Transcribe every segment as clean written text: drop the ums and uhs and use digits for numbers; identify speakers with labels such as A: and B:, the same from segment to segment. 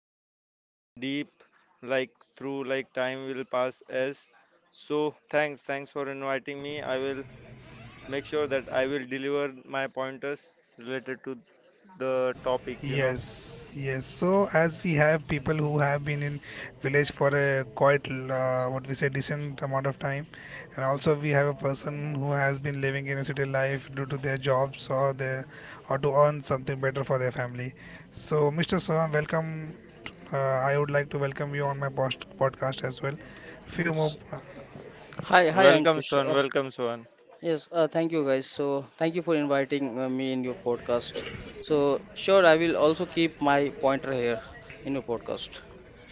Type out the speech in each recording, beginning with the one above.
A: deep and deep like through like time will pass as. So thanks for inviting me. I will make sure that I will deliver my pointers related to the topic, you know.
B: Yes, yes. So as we have people who have been in village for a quite what we say decent amount of time, and also we have a person who has been living in a city life due to their jobs or their or to earn something better for their family. So Mr. Sohan, welcome. I would like to welcome you on my podcast as well. Few more
C: Hi, hi,
A: Welcome
C: Ankush.
A: Sohan, welcome Sohan.
C: Yes, thank you guys. So, thank you for inviting me in your podcast. So, sure, I will also keep my pointer here in your podcast.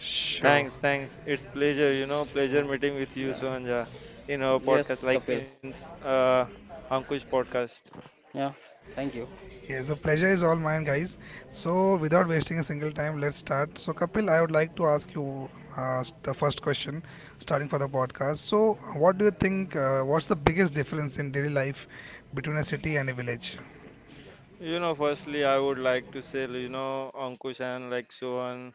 B: Sure. So,
A: Thanks. It's pleasure, you know, pleasure meeting with you,
C: Yeah.
A: Sohanja, in our
C: Yes,
A: podcast, like
C: Kapil.
A: Ankush podcast.
C: Yeah. Thank you.
B: yeah, so pleasure is all mine, guys. So without wasting a single time, let's start. So Kapil, I would like to ask you the first question, starting for the podcast. So what do you think? What's the biggest difference in daily life between a city and a village?
A: You know, firstly, I would like to say, you know, Ankush and like Sohan,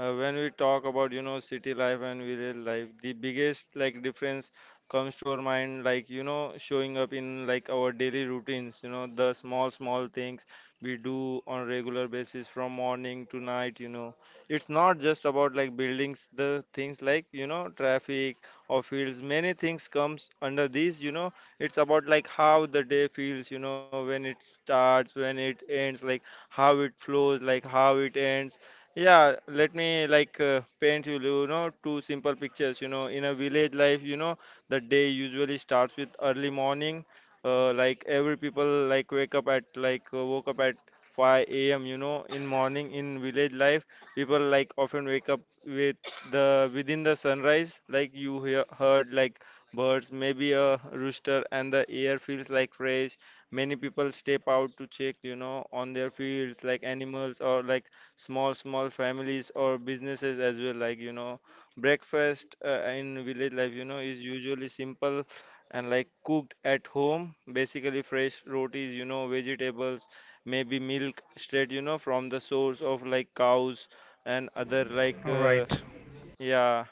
A: when we talk about, you know, city life and village life, the biggest like difference comes to our mind, like, you know, showing up in like our daily routines, you know, the small, small things we do on regular basis from morning to night, you know. It's not just about like buildings, the things like, you know, traffic or fields, many things comes under these, you know it's about like how the day feels, you know, when it starts, when it ends, like how it flows, like how it ends. Yeah, let me like paint you, you know, two simple pictures. You know, in a village life, you know, the day usually starts with early morning. Like every people like wake up at like woke up at 5 a.m. You know, in morning in village life, people like often wake up with the within the sunrise. Like you heard like birds, maybe a rooster, and the air feels like fresh. Many people step out to check, you know, on their fields, like animals or like small, small families or businesses as well. Like, you know, breakfast in village life, you know, is usually simple and like cooked at home. Basically, fresh rotis, you know, vegetables, maybe milk straight, you know, from the source of like cows and other like,
B: Right.
A: yeah.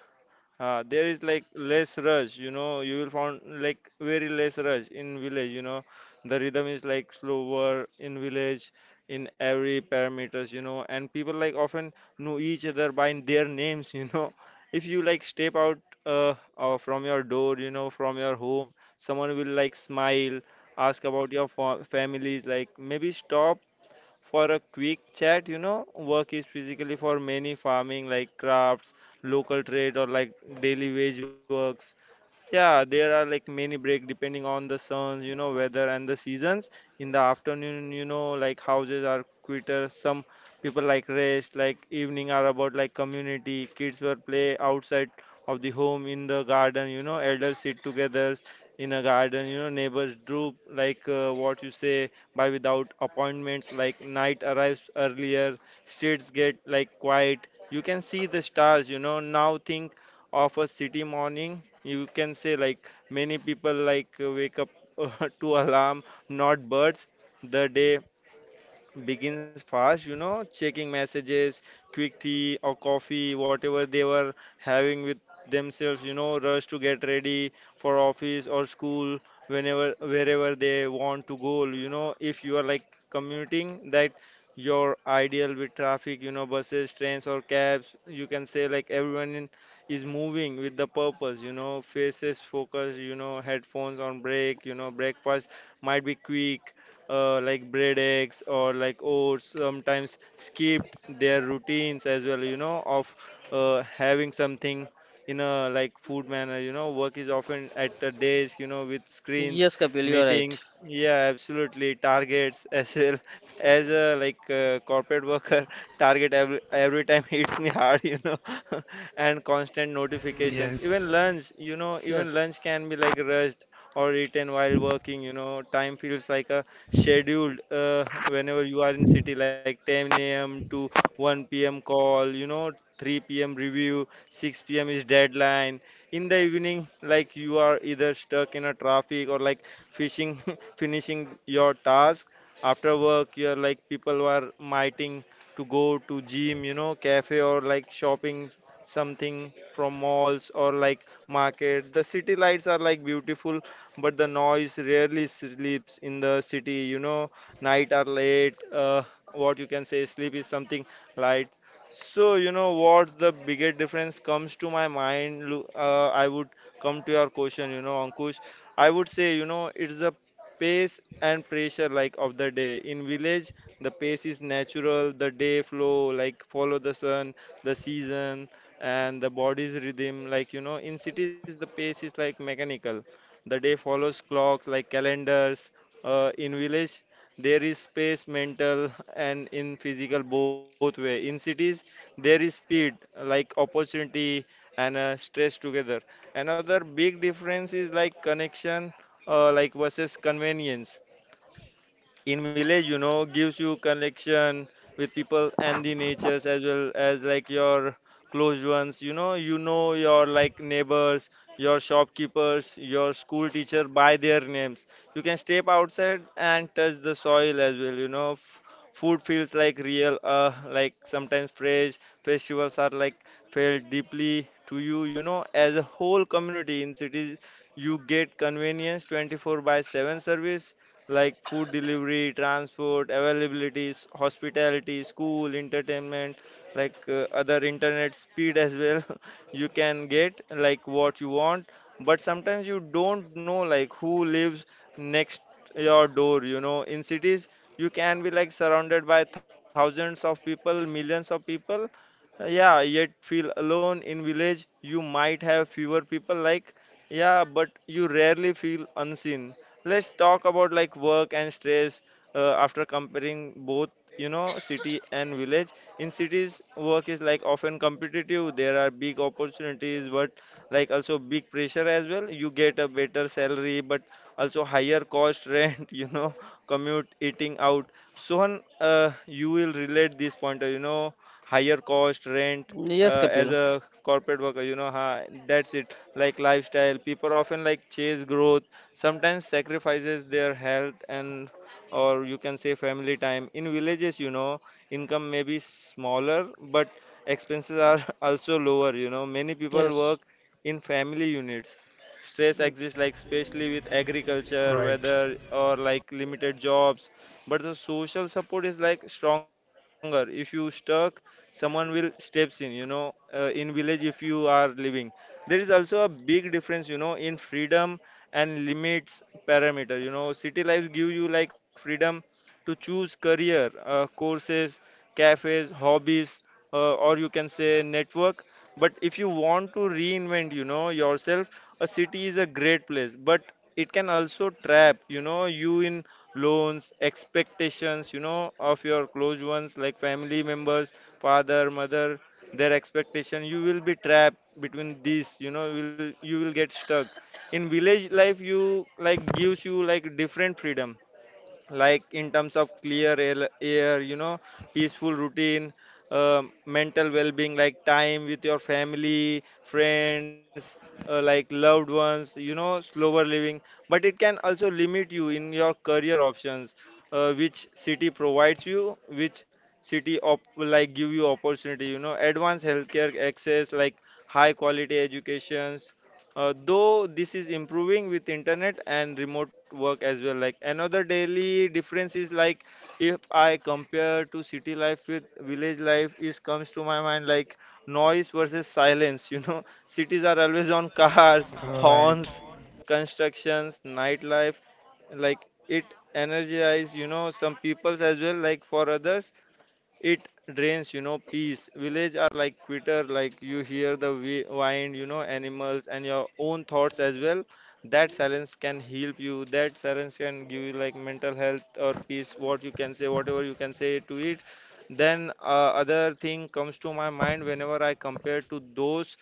A: There is like less rush, you know, you will find like very less rush in village, you know. The rhythm is like slower in village in every parameters, you know, and people like often know each other by their names, you know. If you like step out from your door, you know, from your home, someone will like smile, ask about your fa families, like maybe stop for a quick chat. You know, work is physically for many farming like crafts, local trade, or like daily wage works. Yeah, there are like many break depending on the suns, you know, weather and the seasons. In the afternoon, you know, like houses are quieter. Some people like rest, like evening are about like community. Kids were play outside of the home in the garden, you know, elders sit together in a garden, you know, neighbors droop like what you say by without appointments, like night arrives earlier, streets get like quiet. You can see the stars, you know, now think of a city morning you can say like many people like wake up to alarm not birds the day begins fast, you know, checking messages, quick tea or coffee, whatever they were having with themselves, you know, rush to get ready for office or school whenever wherever they want to go, you know, if you are like commuting that your ideal with traffic, you know, buses, trains or cabs, you can say like everyone in, is moving with the purpose, you know, faces focus, you know, headphones on break, you know, breakfast might be quick like bread eggs or like oats sometimes skipped their routines as well you know of having something in a like food manner you know work is often at a desk you know with screens
C: Yes, Kapil, you are right.
A: meetings yeah absolutely targets as well as a like corporate worker target every time hits me hard you know and constant notifications even
B: Yes.
A: lunch you know even
C: Yes.
A: lunch can be like rushed or eaten while working you know time feels like a scheduled whenever you are in city like 10 a.m. to 1 p.m. call, you know, 3 p.m. review, 6 p.m. is deadline. In the evening, like you are either stuck in a traffic or like fishing, finishing your task. After work, you're like people are mighting to go to gym, you know, cafe or like something from malls or like market. The city lights are like beautiful but the noise rarely sleeps in the city. You know, night are late. What you can say, sleep is something light. So you know what the biggest difference comes to my mind. I would come to your question. You know, Ankush, I would say you know it's the pace and pressure like of the day in village the pace is natural the day flow like follow the sun the season and the body's rhythm like you know in cities the pace is like mechanical the day follows clocks like calendars. In village, there is space, mental, and in physical both way. In cities, there is speed like opportunity and stress together. Another big difference is like connection, like versus convenience in village you know gives you connection with people and the natures as well as like your close ones you know your like neighbors your shopkeepers your school teacher by their names you can step outside and touch the soil as well you know food feels like real like sometimes fresh festivals are like felt deeply to you you know as a whole community in cities you get convenience 24 by 7 service like food delivery, transport, availabilities, hospitality, school, entertainment, like other internet speed as well. you can get like what you want, but sometimes you don't know like who lives next your door. You know, in cities you can be like surrounded by thousands of people, millions of people. Yeah, yet feel alone in village. You might have fewer people like, yeah, but you rarely feel unseen. Let's talk about like work and stress after comparing both, you know, city and village. In cities, work is like often competitive. There are big opportunities, but like also big pressure as well. You get a better salary, but also higher cost, rent, you know, commute, eating out. Sohan, you will relate this point, you know, higher cost, rent.
C: Yes,
A: As
C: Kapil.
A: a corporate worker, you know, ha, that's it. Like lifestyle, people often like chase growth sometimes sacrifices their health and or you can say family time in villages you know income may be smaller but expenses are also lower you know many people
C: Yes.
A: work in family units stress exists like especially with agriculture weather
B: Right.
A: or like limited jobs but the social support is like stronger if you stuck someone will steps in you know in village if you are living there is also a big difference you know in freedom and limits parameter you know city life give you like freedom to choose career courses cafes hobbies or you can say network but if you want to reinvent you know yourself a city is a great place but it can also trap you know you in loans expectations you know of your close ones like family members father mother their expectation you will be trapped between these you know you will get stuck in village life you like gives you like different freedom like in terms of clear air you know peaceful routine mental well-being like time with your family friends like loved ones you know slower living but it can also limit you in your career options which city provides you which like give you opportunity you know advanced healthcare access like high quality educations though this is improving with internet and remote work as well like another daily difference is like if I compare to city life with village life is comes to my mind like noise versus silence you know cities are always on cars horns
B: Right.
A: constructions nightlife like it energizes, you know some peoples as well like for others it drains you know peace village are like quitter like you hear the wind you know animals and your own thoughts as well that silence can heal you that silence can give you like mental health or peace what you can say whatever you can say to it then other thing comes to my mind whenever I compare to those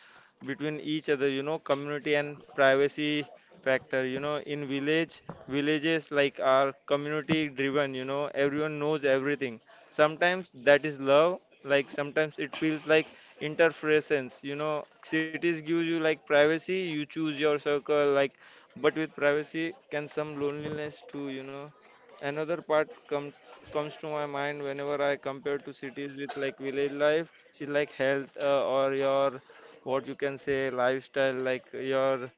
A: between each other you know community and privacy factor you know in village villages like are community driven you know everyone knows everything. Sometimes that is love, like sometimes it feels like interference. Cities give you like privacy, you choose your circle, like, but with privacy can some loneliness too. Another part comes to my mind whenever I compare to cities with like village life is like health, or your what you can say lifestyle, like your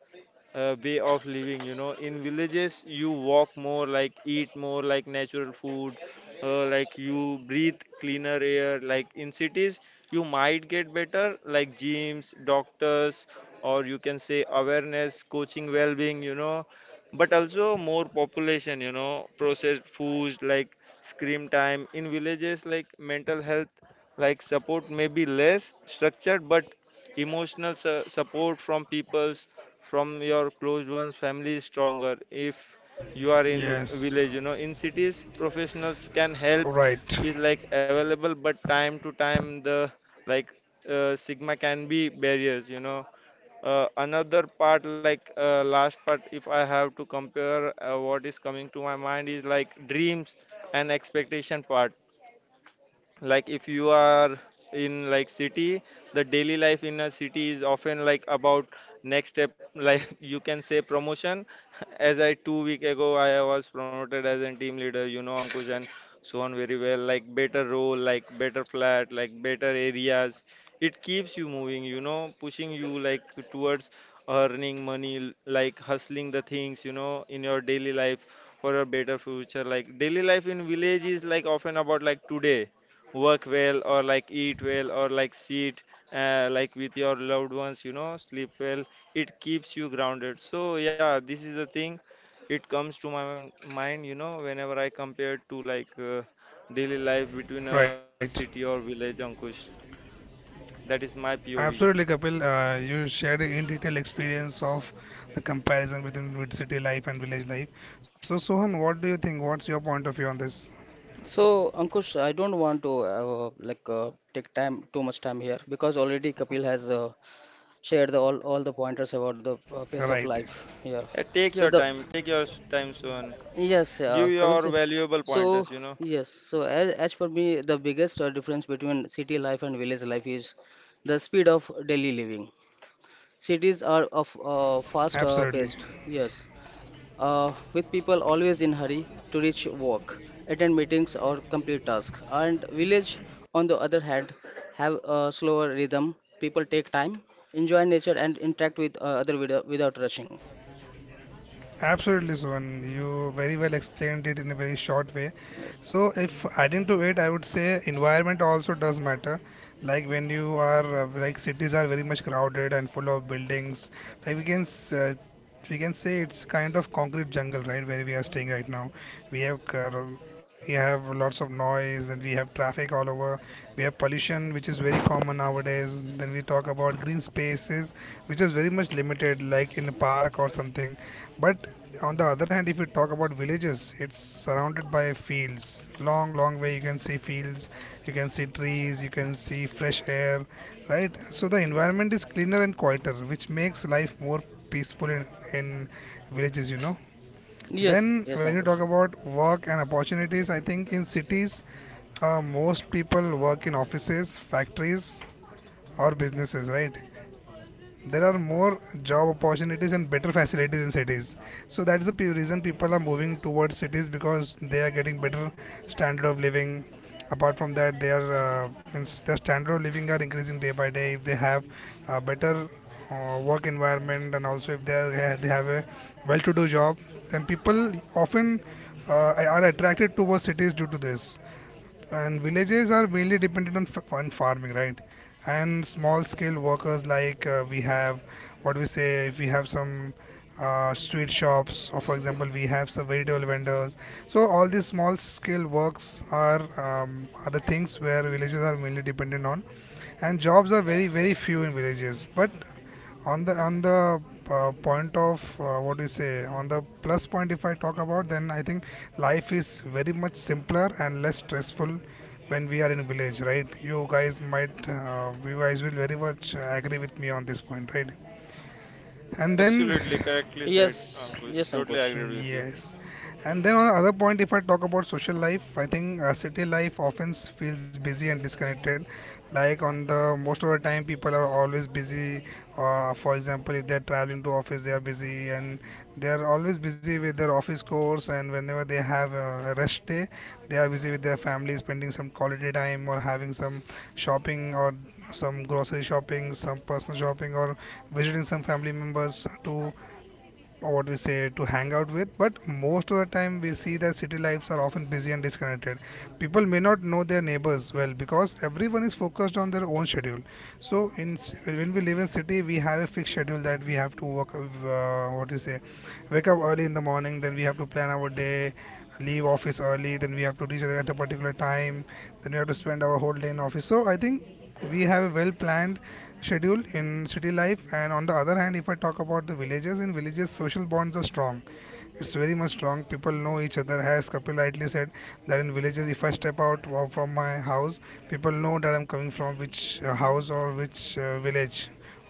A: way of living, you know, in villages you walk more, like eat more like natural food, like you breathe cleaner air. Like in cities you might get better like gyms, doctors, or you can say awareness coaching, well-being, you know, but also more population, you know, processed foods, like screen time. In villages like mental health, like support may be less structured, but emotional support from people's, from your closed ones, family, is stronger if you are in village, you know,
B: Yes.
A: in cities professionals can help is
B: Right.
A: like available. But time to time the like sigma can be barriers, you know. Another part, like last part, if I have to compare, what is coming to my mind is like dreams and expectation part, like if you are in like city, the daily life in a city is often like about next step, like you can say promotion, as I 2 week ago I was promoted as a team leader, you know, Ankush and Swan, very well, like better role, like better flat, like better areas. It keeps you moving, you know, pushing you like towards earning money, like hustling the things, you know, in your daily life for a better future. Like daily life in village is like often about like today, work well or like eat well or like sit, like with your loved ones, you know, sleep well. It keeps you grounded. So yeah, this is the thing, it comes to my mind, you know, whenever I compare to like daily life between a city
B: Right.
A: or village, Ankush, that is my POV.
B: Absolutely, Kapil. You shared a in detail experience of the comparison between mid city life and village life. So, Sohan, what do you think? What's your point of view on this?
C: So, Ankush, I don't want to take time too much time here because already Kapil has shared all the pointers about the pace of
B: Right.
C: life here.
A: Yeah, take
C: So
A: your
C: the
A: time, take your time soon,
C: Yes,
A: give
C: Kapil.
A: your
C: So,
A: valuable
C: so
A: pointers, you know.
C: yes. So, as per me, the biggest difference between city life and village life is the speed of daily living. Cities are of fast paced.
B: Absolutely.
C: Yes, with people always in hurry to reach work, attend meetings or complete tasks. And village, on the other hand, have a slower rhythm. People take time, enjoy nature, and interact with other without rushing.
B: Absolutely, Suvan. You very well explained it in a very short way.
C: Yes.
B: So, if adding to it, I would say environment also does matter. Like when you are like cities are very much crowded and full of buildings. Like we can s- uh, we can say it's kind of concrete jungle, right? Where we are staying right now, we have car- we have lots of noise, and we have traffic all over. We have pollution, which is very common nowadays. Then we talk about green spaces, which is very much limited, like in a park or something, but on the other hand, if you talk about villages, it's surrounded by fields. Long, long way you can see fields, you can see trees, you can see fresh air, right? So the environment is cleaner and quieter, which makes life more peaceful in villages, you know.
C: Yes.
B: Then,
C: Yes,
B: when you talk
C: Ankush.
B: about work and opportunities, I think in cities, most people work in offices, factories, or businesses, right? There are more job opportunities and better facilities in cities, so that's the reason people are moving towards cities, because they are getting better standard of living. Apart from that, their means their standard of living are increasing day by day if they have a better work environment, and also if they have a well to do job, then people often uh, are attracted towards cities due to this. And villages are mainly dependent on farming, right? And small scale workers like we have, what we say, if we have some street shops, or for example, we have some vegetable vendors. So all these small scale works are the things where villages are mainly dependent on, and jobs are very very few in villages. But on the point of what do you say, on the plus point, if I talk about, then I think life is very much simpler and less stressful when we are in village, right? You guys will very much agree with me on this point, right? And then
A: Absolutely correctly said,
C: Yes.
A: Ankush,
C: Yes,
A: totally
C: Ankush.
A: agreed with you.
B: Yes. And then on the other point, if I talk about social life, I think city life often feels busy and disconnected. Like on the most of the time, people are always busy. For example, if they're traveling to office, they are busy, and they are always busy with their office course. And whenever they have a rest day, they are busy with their family, spending some quality time or having some shopping, or some grocery shopping, some personal shopping, or visiting some family members to or what we say to hang out with. But most of the time we see that city lives are often busy and disconnected. People may not know their neighbors well because everyone is focused on their own schedule. So when we live in city, we have a fixed schedule, that we have to work, what we say, wake up early in the morning, then we have to plan our day, leave office early, then we have to reach at a particular time, then we have to spend our whole day in office. So I think we have a well planned schedule in city life. And on the other hand, if I talk about the villages, in villages social bonds are strong. It's very much strong. People know each other, as Kapil rightly said, that in villages if I step from my house, people know that I'm coming from which house or which village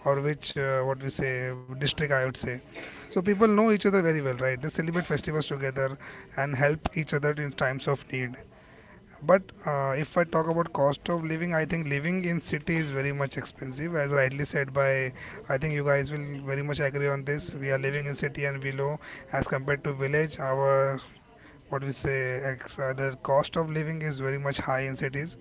B: or which what we say district, I would say. So people know each other very well, right? They celebrate festivals together and help each other in times of need. But if I talk about cost of living, I think living in city is very much expensive, as rightly said by. I think you guys will very much agree on this. We are living in city and below, as compared to village. Our what we say, the cost of living is very much high in cities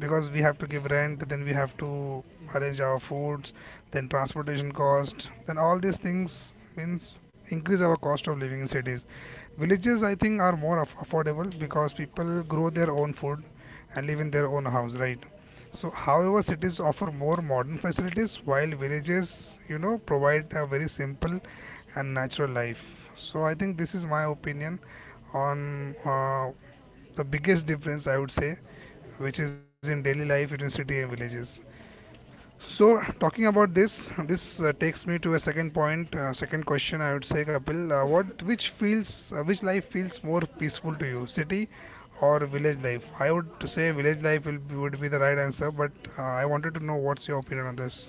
B: because we have to give rent, then we have to arrange our foods, then transportation cost, then all these things means increase our cost of living in cities. Villages, I think, are more affordable because people grow their own food and live in their own house, right? So however, cities offer more modern facilities, while villages, you know, provide a very simple and natural life. So I think this is my opinion on the biggest difference, I would say, which is in daily life in city and villages. So talking about this, this takes me to a second point, second question. I would say, Kapil, which life feels more peaceful to you, city or village life? I would say village life would be the right answer, but I wanted to know what's your opinion on this.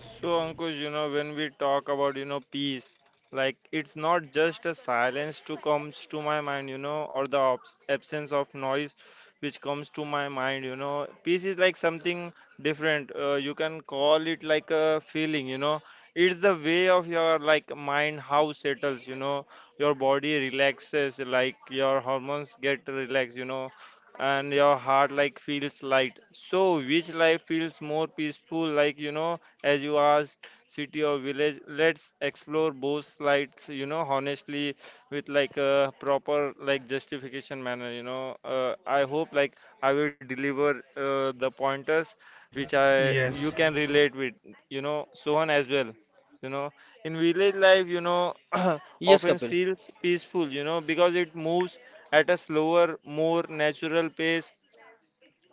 A: So, Ankush, you know, when we talk about, you know, peace, like it's not just a silence to comes to my mind, you know, or the obs absence of noise which comes to my mind, you know. Peace is like something different. You can call it like a feeling, you know. It's the way of your like mind how settles, you know. Your body relaxes, like your hormones get relaxed, you know, and your heart like feels light. So, which life feels more peaceful, like, you know? As you asked, city or village, let's explore both sides, you know, honestly, with like a proper like justification manner, you know. I hope like I will deliver the pointers which I
B: Yes,
A: you can relate with, you know, Sohan as well, you know, in village life, you know,
C: Yes,
A: often
C: Kapil.
A: feels peaceful, you know, because it moves at a slower, more natural pace.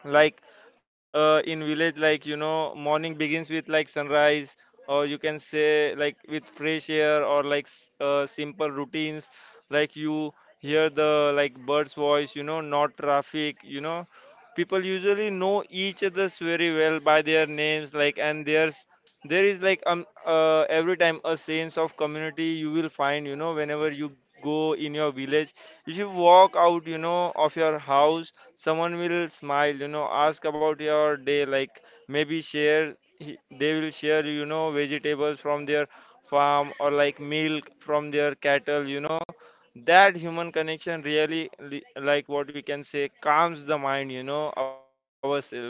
A: Like in village, like, you know, morning begins with like sunrise, or you can say like with fresh air, or like simple routines, like you hear the like bird's voice, you know, not traffic, you know. People usually know each other's very well by their names, like, and there is like every time a sense of community you will find, you know, whenever you go in your village. If you walk out, you know, of your house, someone will smile, you know, ask about your day, like maybe share, they will share, you know, vegetables from their farm or like milk from their cattle, you know. That human connection really, like what we can say, calms the mind, you know, ourselves,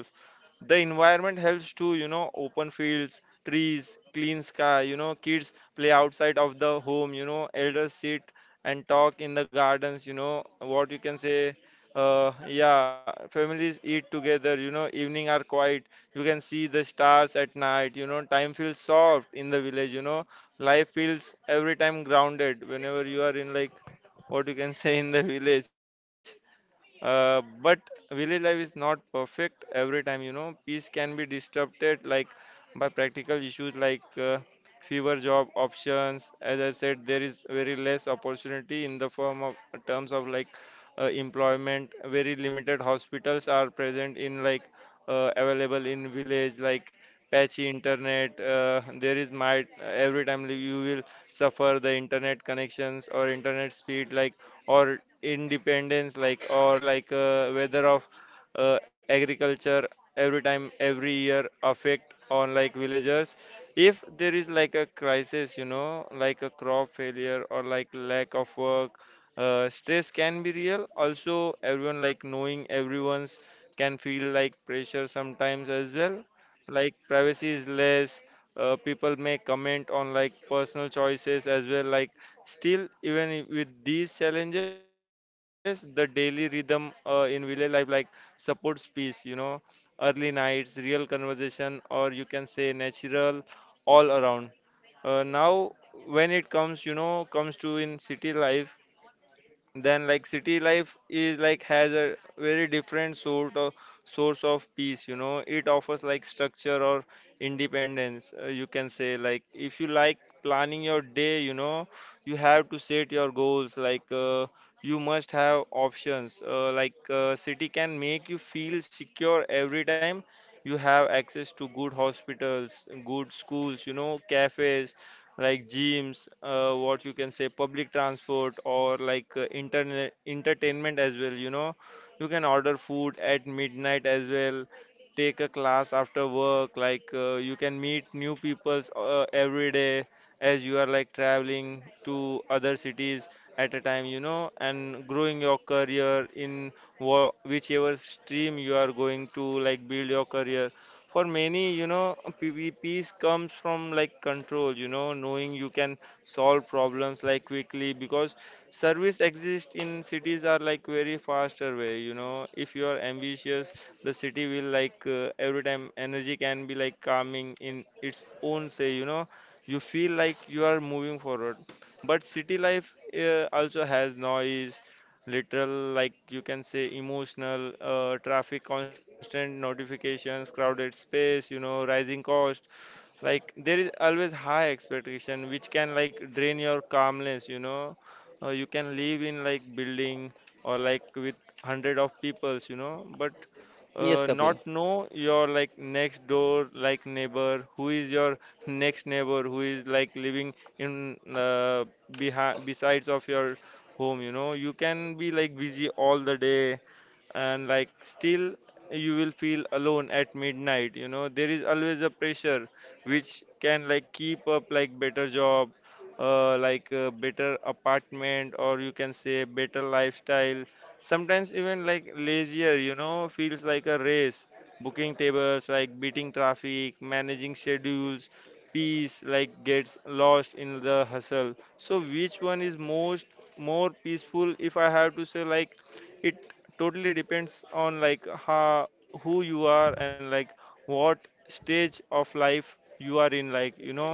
A: the environment helps to, you know, open fields, trees, clean sky, you know, kids play outside of the home, you know, elders sit and talk in the gardens, you know, what you can say, yeah, families eat together, you know, evening are quiet, you can see the stars at night, you know, time feels soft in the village, you know, life feels every time grounded whenever you are in like what you can say in the village. But village life is not perfect every time, you know. Peace can be disrupted, like by practical issues, like fewer job options. As I said, there is very less opportunity in the form of terms of like employment. Very limited hospitals are present in like available in village, like patchy internet. There is might every time you will suffer the internet connections or internet speed, like or independence like or like whether of agriculture every time every year affect on like villagers. If there is like a crisis, you know, like a crop failure or like lack of work, stress can be real. Also everyone like knowing everyone's can feel like pressure sometimes as well, like privacy is less. People may comment on like personal choices as well, like still, even with these challenges, the daily rhythm in village life, like supports peace, you know, early nights, real conversation, or you can say natural all around. Now, when it comes, you know, comes to in city life, then like city life is like has a very different sort of source of peace, you know, it offers like structure or independence. You can say like if you like planning your day, you know, you have to set your goals, like you must have options, like city can make you feel secure every time. You have access to good hospitals, good schools, you know, cafes, like gyms, what you can say, public transport, or like internet entertainment as well. You know, you can order food at midnight as well. Take a class after work. Like you can meet new peoples every day as you are like traveling to other cities at a time. You know, and growing your career in whichever stream you are going to like build your career for many, you know, PV peace comes from like control, you know, knowing you can solve problems like quickly because service exists in cities are like very faster way, you know. If you are ambitious, the city will like every time energy can be like calming in its own say, you know. You feel like you are moving forward, but city life also has noise, little, like you can say emotional, traffic, constant notifications, crowded space, you know, rising cost, like there is always high expectation which can like drain your calmness, you know. You can live in like building or like with hundred of peoples, you know, but
C: Yes,
A: not
C: Kapil.
A: know your like next door like neighbor who is your next neighbor who is like living in behind besides of your home. You know, you can be like busy all the day and like still you will feel alone at midnight. You know, there is always a pressure which can like keep up like better job, like better apartment, or you can say better lifestyle, sometimes even like lazier. You know, feels like a race, booking tables, like beating traffic, managing schedules, peace like gets lost in the hustle. So which one is most more peaceful, if I have to say, like it totally depends on like how, who you are and like what stage of life you are in, like, you know,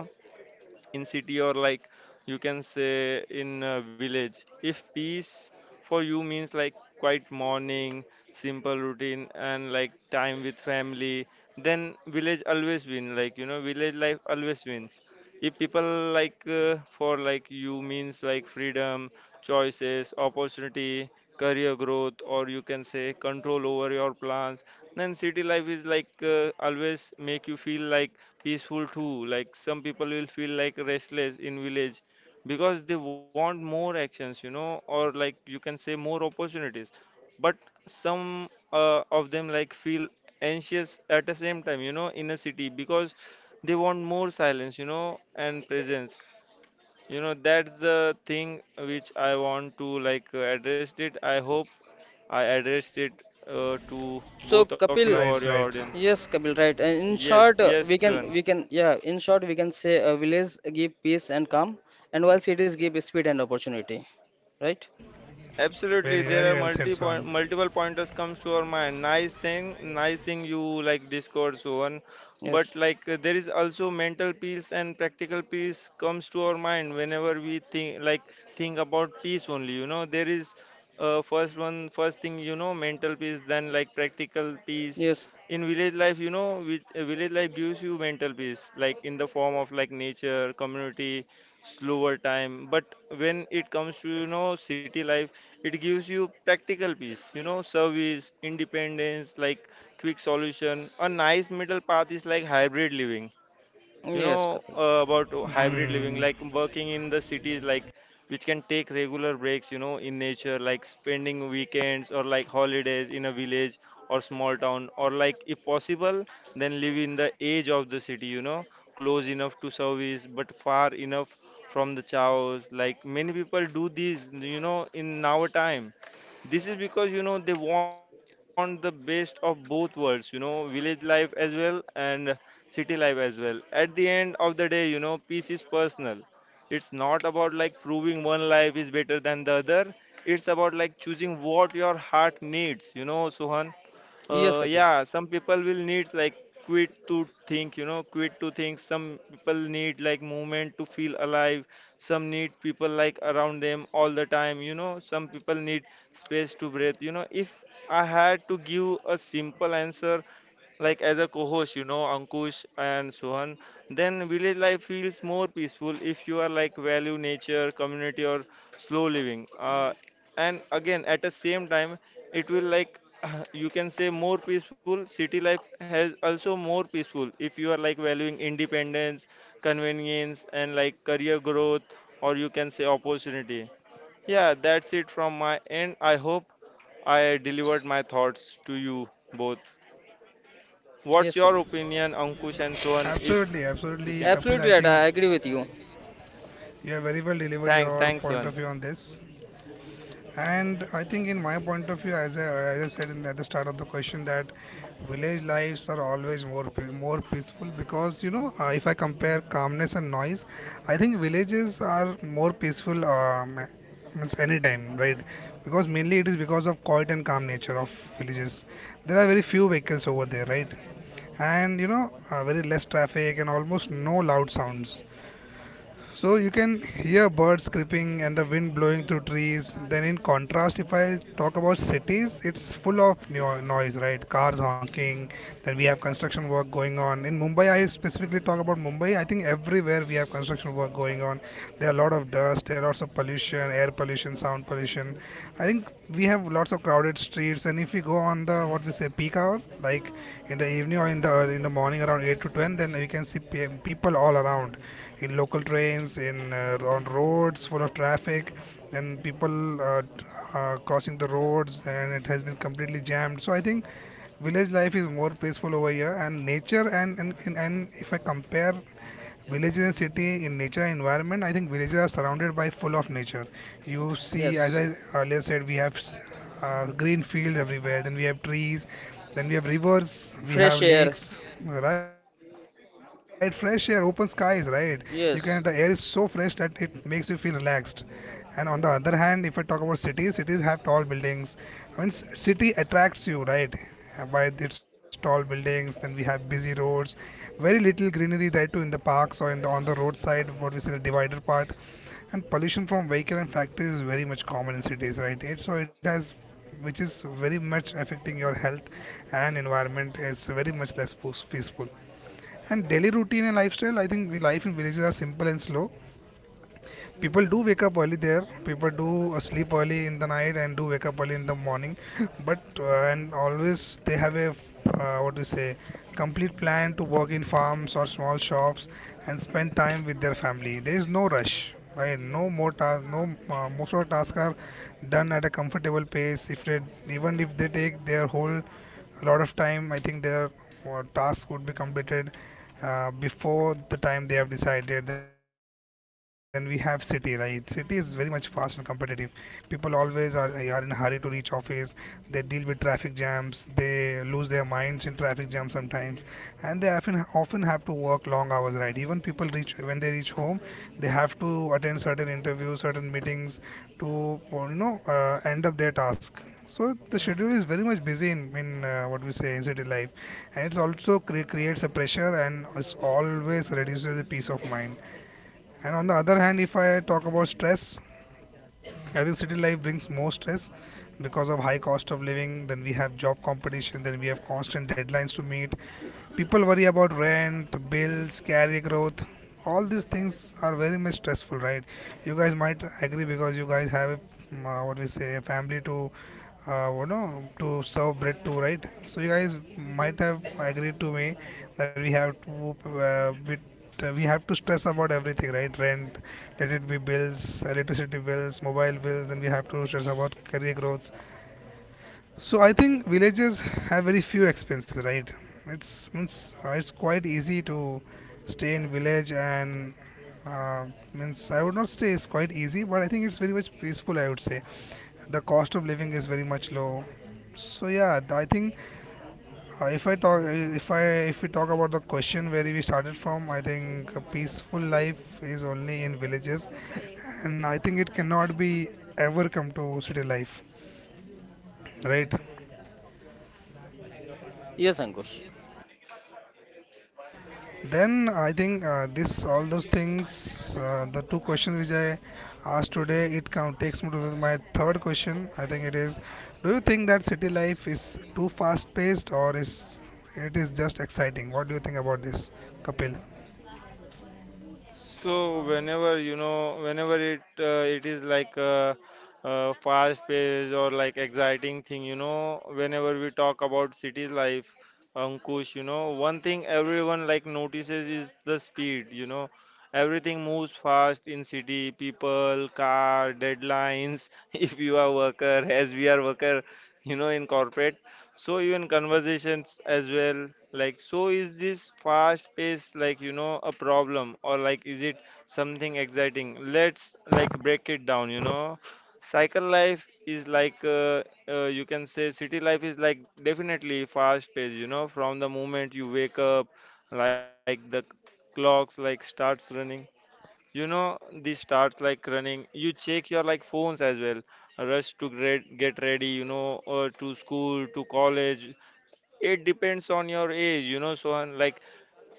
A: in city or like you can say in a village. If peace for you means like quiet morning, simple routine, and like time with family, then village always win, like, you know, village life always wins. If people like for like you means like freedom, choices, opportunity, career growth, or you can say control over your plans, then city life is like always make you feel like peaceful too. Like some people will feel like restless in village because they want more actions, you know, or like you can say more opportunities. But some of them like feel anxious at the same time, you know, in a city because they want more silence, you know, and presence. You know, that's the thing which I want to like address it. I hope I addressed it to
C: So,
A: both of you
B: right,
C: Kapil,
A: or
B: right.
A: your audience.
C: yes, Kapil, right. And in
A: Yes,
C: short,
A: yes, Swan.
C: yeah, in short, we can say village give peace and calm, and while cities give speed and opportunity, right?
B: Very,
A: Absolutely,
B: very well
A: there are
B: said,
A: multi
B: Swan.
A: point, multiple pointers comes to our mind. Nice thing you like Discord so on, but
C: Yes,
A: like there is also mental peace and practical peace comes to our mind whenever we think like think about peace only. You know, there is first one first thing, you know, mental peace, then like practical peace.
C: yes,
A: In village life, you know, village life gives you mental peace, like in the form of like nature, community, slower time. But when it comes to you know city life, it gives you practical peace, you know, service independence, like quick solution. A nice middle path is like hybrid living, you
C: yes,
A: know.
C: Kapil.
A: About hybrid
B: Mm.
A: living, like working in the cities, like which can take regular breaks, you know, in nature, like spending weekends or like holidays in a village or small town, or like if possible, then live in the edge of the city, you know, close enough to service but far enough from the chaos. Like many people do this, you know, in our time. This is because you know they want the best of both worlds, you know, village life as well and city life as well. At the end of the day, you know, peace is personal. It's not about like proving one life is better than the other. It's about like choosing what your heart needs, you know, Suhan.
C: Yes, Kapil.
A: Yeah, some people will need like quit to think. Some people need like movement to feel alive. Some need people like around them all the time, you know. Some people need space to breathe, you know. If I had to give a simple answer, like as a co-host, you know, Ankush and Suhan, then village life feels more peaceful if you are like value nature, community, or slow living. And again at the same time it will like you can say more peaceful, city life has also more peaceful if you are like valuing independence, convenience and like career growth, or you can say opportunity. Yeah, that's it from my end. I hope I delivered my thoughts to you both. What's
C: Yes,
A: your
C: Kapil.
A: opinion, Ankush and Sohan, if
B: Absolutely,
A: you
B: absolutely,
A: can?
B: Kapil.
C: Absolutely
B: I
C: right. I
B: think
C: agree with you.
B: you have very well delivered
A: Thanks,
B: your
A: thanks
B: point of
A: Sohan.
B: view on this. And I think, in my point of view, as I said in the, at the start of the question, that village lives are always more more peaceful because you know, if I compare calmness and noise, I think villages are more peaceful. Means anytime, right? Because mainly it is because of quiet and calm nature of villages. There are very few vehicles over there, right? And you know, very less traffic and almost no loud sounds. So you can hear birds creeping and the wind blowing through trees. Then, in contrast, if I talk about cities, it's full of noise, right? Cars honking. Then we have construction work going on. In Mumbai, I specifically talk about Mumbai. I think everywhere we have construction work going on. There are a lot of dust. There are lots of pollution, air pollution, sound pollution. I think we have lots of crowded streets. And if we go on the what we say peak hour, like in the evening or in the morning around 8 to 10, then we can see people all around in local trains, in on roads full of traffic, and people crossing the roads, and it has been completely jammed. So I think village life is more peaceful over here, and nature and if I compare villages and city in nature and environment, I think villages are surrounded by full of nature. You see, as
C: Yes,
B: I earlier said, we have green fields everywhere. Then we have trees. Then we have rivers. We
C: fresh
B: have
C: air.
B: lakes. Right, fresh air, open skies. Right, you can. The air is so fresh
C: Yes,
B: that it makes you feel relaxed. And on the other hand, if I talk about cities, cities have tall buildings. I mean, city attracts you, right? By its tall buildings, then we have busy roads, very little greenery there too, in the parks or in the on the roadside. What we say the divider part, and pollution from vehicle and factories is very much common in cities, right? It so it has which is very much affecting your health, and environment is very much less peaceful. And daily routine and lifestyle, I think we life in villages are simple and slow. People do wake up early there, people do sleep early in the night and do wake up early in the morning. But and always they have a what do you say, complete plan to work in farms or small shops and spend time with their family. There is no rush, right? No more tasks, no, most of the tasks are done at a comfortable pace. If they, even if they take their whole, a lot of time, I think their tasks would be completed before the time they have decided. Then we have city, right? City is very much fast and competitive. People are in a hurry to reach office. They deal with traffic jams, they lose their minds in traffic jams sometimes, and they often have to work long hours, right? Even people reach when they reach home, they have to attend certain interviews, certain meetings to you know end up their task. So the schedule is very much busy in what we say in city life, and it's also creates a pressure and it's always reduces the peace of mind. And on the other hand, if I talk about stress, I think city life brings more stress because of high cost of living. Then we have job competition. Then we have constant deadlines to meet. People worry about rent, bills, career growth. All these things are very much stressful, right? You guys might agree because you guys have a, what we say, a family to, you know, to serve bread to, right? So you guys might have agreed to me that we have to, uh, we, we have to stress about everything, right? Rent, let it be bills, electricity bills, mobile bills, then we have to stress about career growth. So I think villages have very few expenses, right? It's means it's quite easy to stay in village and uh, means I would not say it's quite easy, but I think it's very much peaceful. I would say the cost of living is very much low. So yeah, I think if I talk, if I, if we talk about the question where we started from, I think a peaceful life is only in villages, and I think it cannot be ever come to city life, right?
C: yes, Ankush.
B: Then I think this, all those things, the two questions which I asked today, it come, takes me to my third question. I think it is, do you think that city life is too fast-paced or is it is just exciting? What do you think about this, Kapil?
A: So whenever you know, whenever it it is like a fast paced or like exciting thing, you know, whenever we talk about city life, Ankush, you know, one thing everyone like notices is the speed, you know. Everything moves fast in city, people, car, deadlines, if you are worker, as we are worker, you know, in corporate, so even conversations as well, like so is this fast pace like you know a problem, or like is it something exciting? Let's like break it down, you know. Cycle life is like you can say City life is like definitely fast paced, you know. From the moment you wake up, like clocks like starts running the starts like running. You check your like phones as well. Rush to grad, get ready, you know, or to school, to college. It depends on your age, you know. So, and like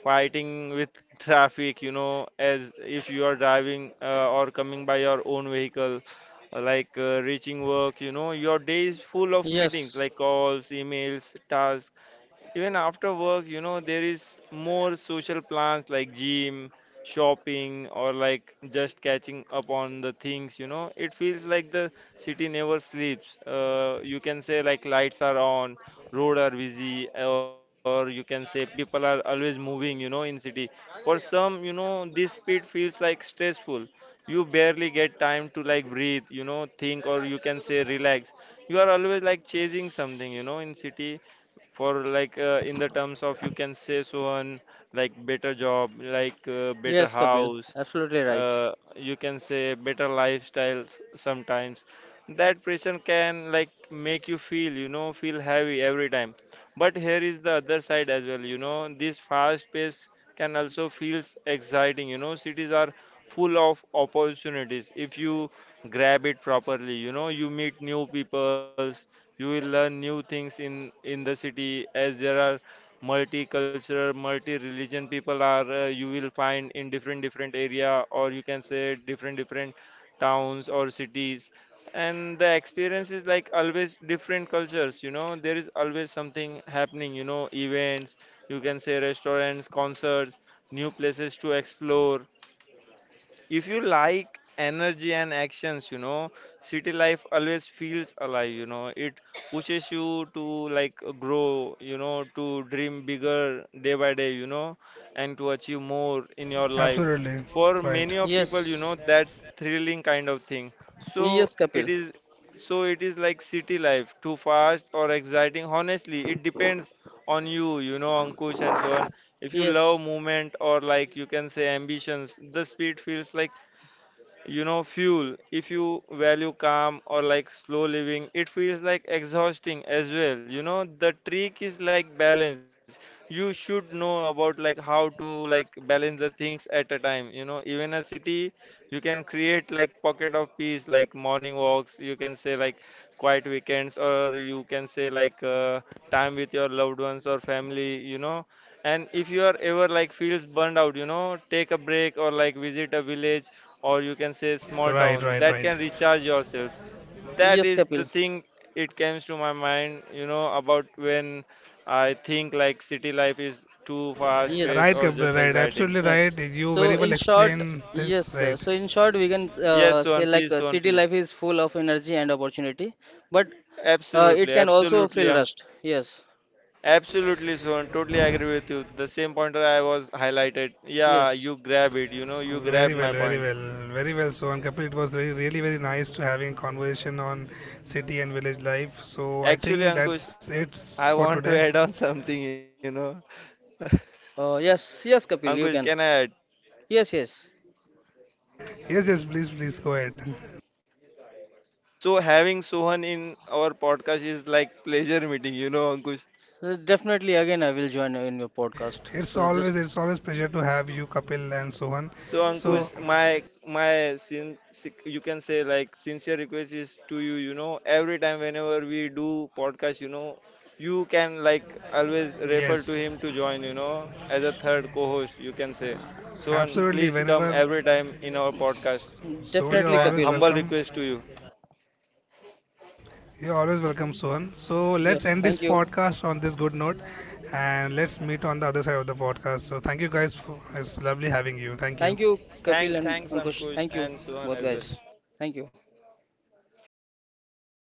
A: fighting with traffic, you know, as if you are driving or coming by your own vehicle, reaching work, you know, your day is full of meetings
C: Yes,
A: like calls, emails, tasks. Even after work, you know, there is more social plans like gym, shopping, or like just catching up on the things, you know. It feels like the city never sleeps. You can say like lights are on, road are busy, or you can say people are always moving, you know, in city. For some, you know, this speed feels like stressful. You barely get time to like breathe, you know, think, or you can say relax. You are always like chasing something, you know, in city, for like in the terms of you can say Sohan, like better job, like better
C: yes, Kapil.
A: house,
C: Absolutely right.
A: you can say better lifestyles. Sometimes that pressure can like make you feel, you know, feel heavy every time. But here is the other side as well, you know. This fast pace can also feels exciting, you know. Cities are full of opportunities if you grab it properly, you know. You meet new people, you will learn new things in the city as there are multicultural, multi-religion people are, you will find in different different area, or you can say different different towns or cities. And the experience is like always different cultures, you know, there is always something happening, you know, events, you can say restaurants, concerts, new places to explore. If you like energy and actions, you know, city life always feels alive, you know. It pushes you to like grow, you know, to dream bigger day by day, you know, and to achieve more in your life.
B: Absolutely,
A: For
B: right.
A: many of people, you
C: Yes,
A: know, that's thrilling kind of thing.
C: yes,
A: So
C: Kapil.
A: it is so it is like city life, too fast or exciting? Honestly, it depends on you, you know, Ankush and so on. If you
C: Yes,
A: love movement or like you can say ambitions, the speed feels like you know fuel. If you value calm or like slow living, it feels like exhausting as well, you know. The trick is like balance. You should know about like how to like balance the things at a time, you know. Even a city, you can create like pocket of peace, like morning walks, you can say like quiet weekends, or you can say like time with your loved ones or family, you know. And if you are ever like feels burned out, you know, take a break, or like visit a village, or you can say small
B: Right,
A: town,
B: right,
A: that
B: right.
A: can recharge yourself. That
C: yes,
A: is
C: Kapil.
A: the thing, it comes to my mind, you know, about when I think like city life is too fast paced
B: Right,
C: Yes.
A: or
B: Kapil,
A: just
B: right.
A: exciting.
B: Absolutely
C: Right.
B: right. You
C: So
B: very well
C: in short,
B: explained
C: yes,
B: this,
C: sir.
B: right.
C: So in short, we can
A: Yes
C: say
A: Sohan, please, Sohan
C: city life
A: please.
C: is full of energy and opportunity, but it
A: absolutely
C: can also
A: absolutely
C: feel
A: i
C: rushed. Yes,
A: Absolutely Sohan, totally agree with you, the same pointer I was highlighted. Yeah,
C: yes,
A: you grab it, you know, you grabbed
B: Very well,
A: my
B: very
A: point.
B: well, very well. So, and Kapil, it was very, really very nice to having conversation on city and village life. So, I
A: Actually
B: think
A: Ankush,
B: that's it
A: I
B: for
A: want to
B: today.
A: add on something, you know.
C: uh, yes, yes,
A: Ankush,
C: Kapil,
A: can
C: you
A: I
C: can.
A: add?
C: Yes, yes.
B: Yes, yes, please, please go ahead.
A: So having Sohan in our podcast is like pleasure meeting, you know, Ankush.
C: Definitely. Again, I will join in your podcast. So just
B: It's always pleasure to have you, Kapil and Sohan.
A: So
C: Yeah,
A: Ankush,
B: So,
A: you can say like sincere request is to you, you know, every time whenever we do podcast, you know, you can like always refer to
B: yes,
A: him to join, you know, as a third co-host, you can say. Sohan,
B: absolutely.
A: please come
B: Whenever,
A: every time in our podcast.
B: Sohan,
A: It's
B: you're
C: definitely,
A: my
B: always
C: Kapil.
A: humble
B: welcome.
A: request to you.
B: You're always welcome, Sohan. So let's
C: Yes.
B: end this
C: Thank you.
B: podcast on this good note and let's meet on the other side of the podcast. So thank you guys. For, it's lovely having you. Thank
C: Thank
B: you.
C: you, Kapil
A: Thanks,
C: and
A: thanks
C: Ankush.
A: Ankush
C: Thank you,
A: and Sohan
C: both
A: as
C: guys.
A: well.
C: Thank you.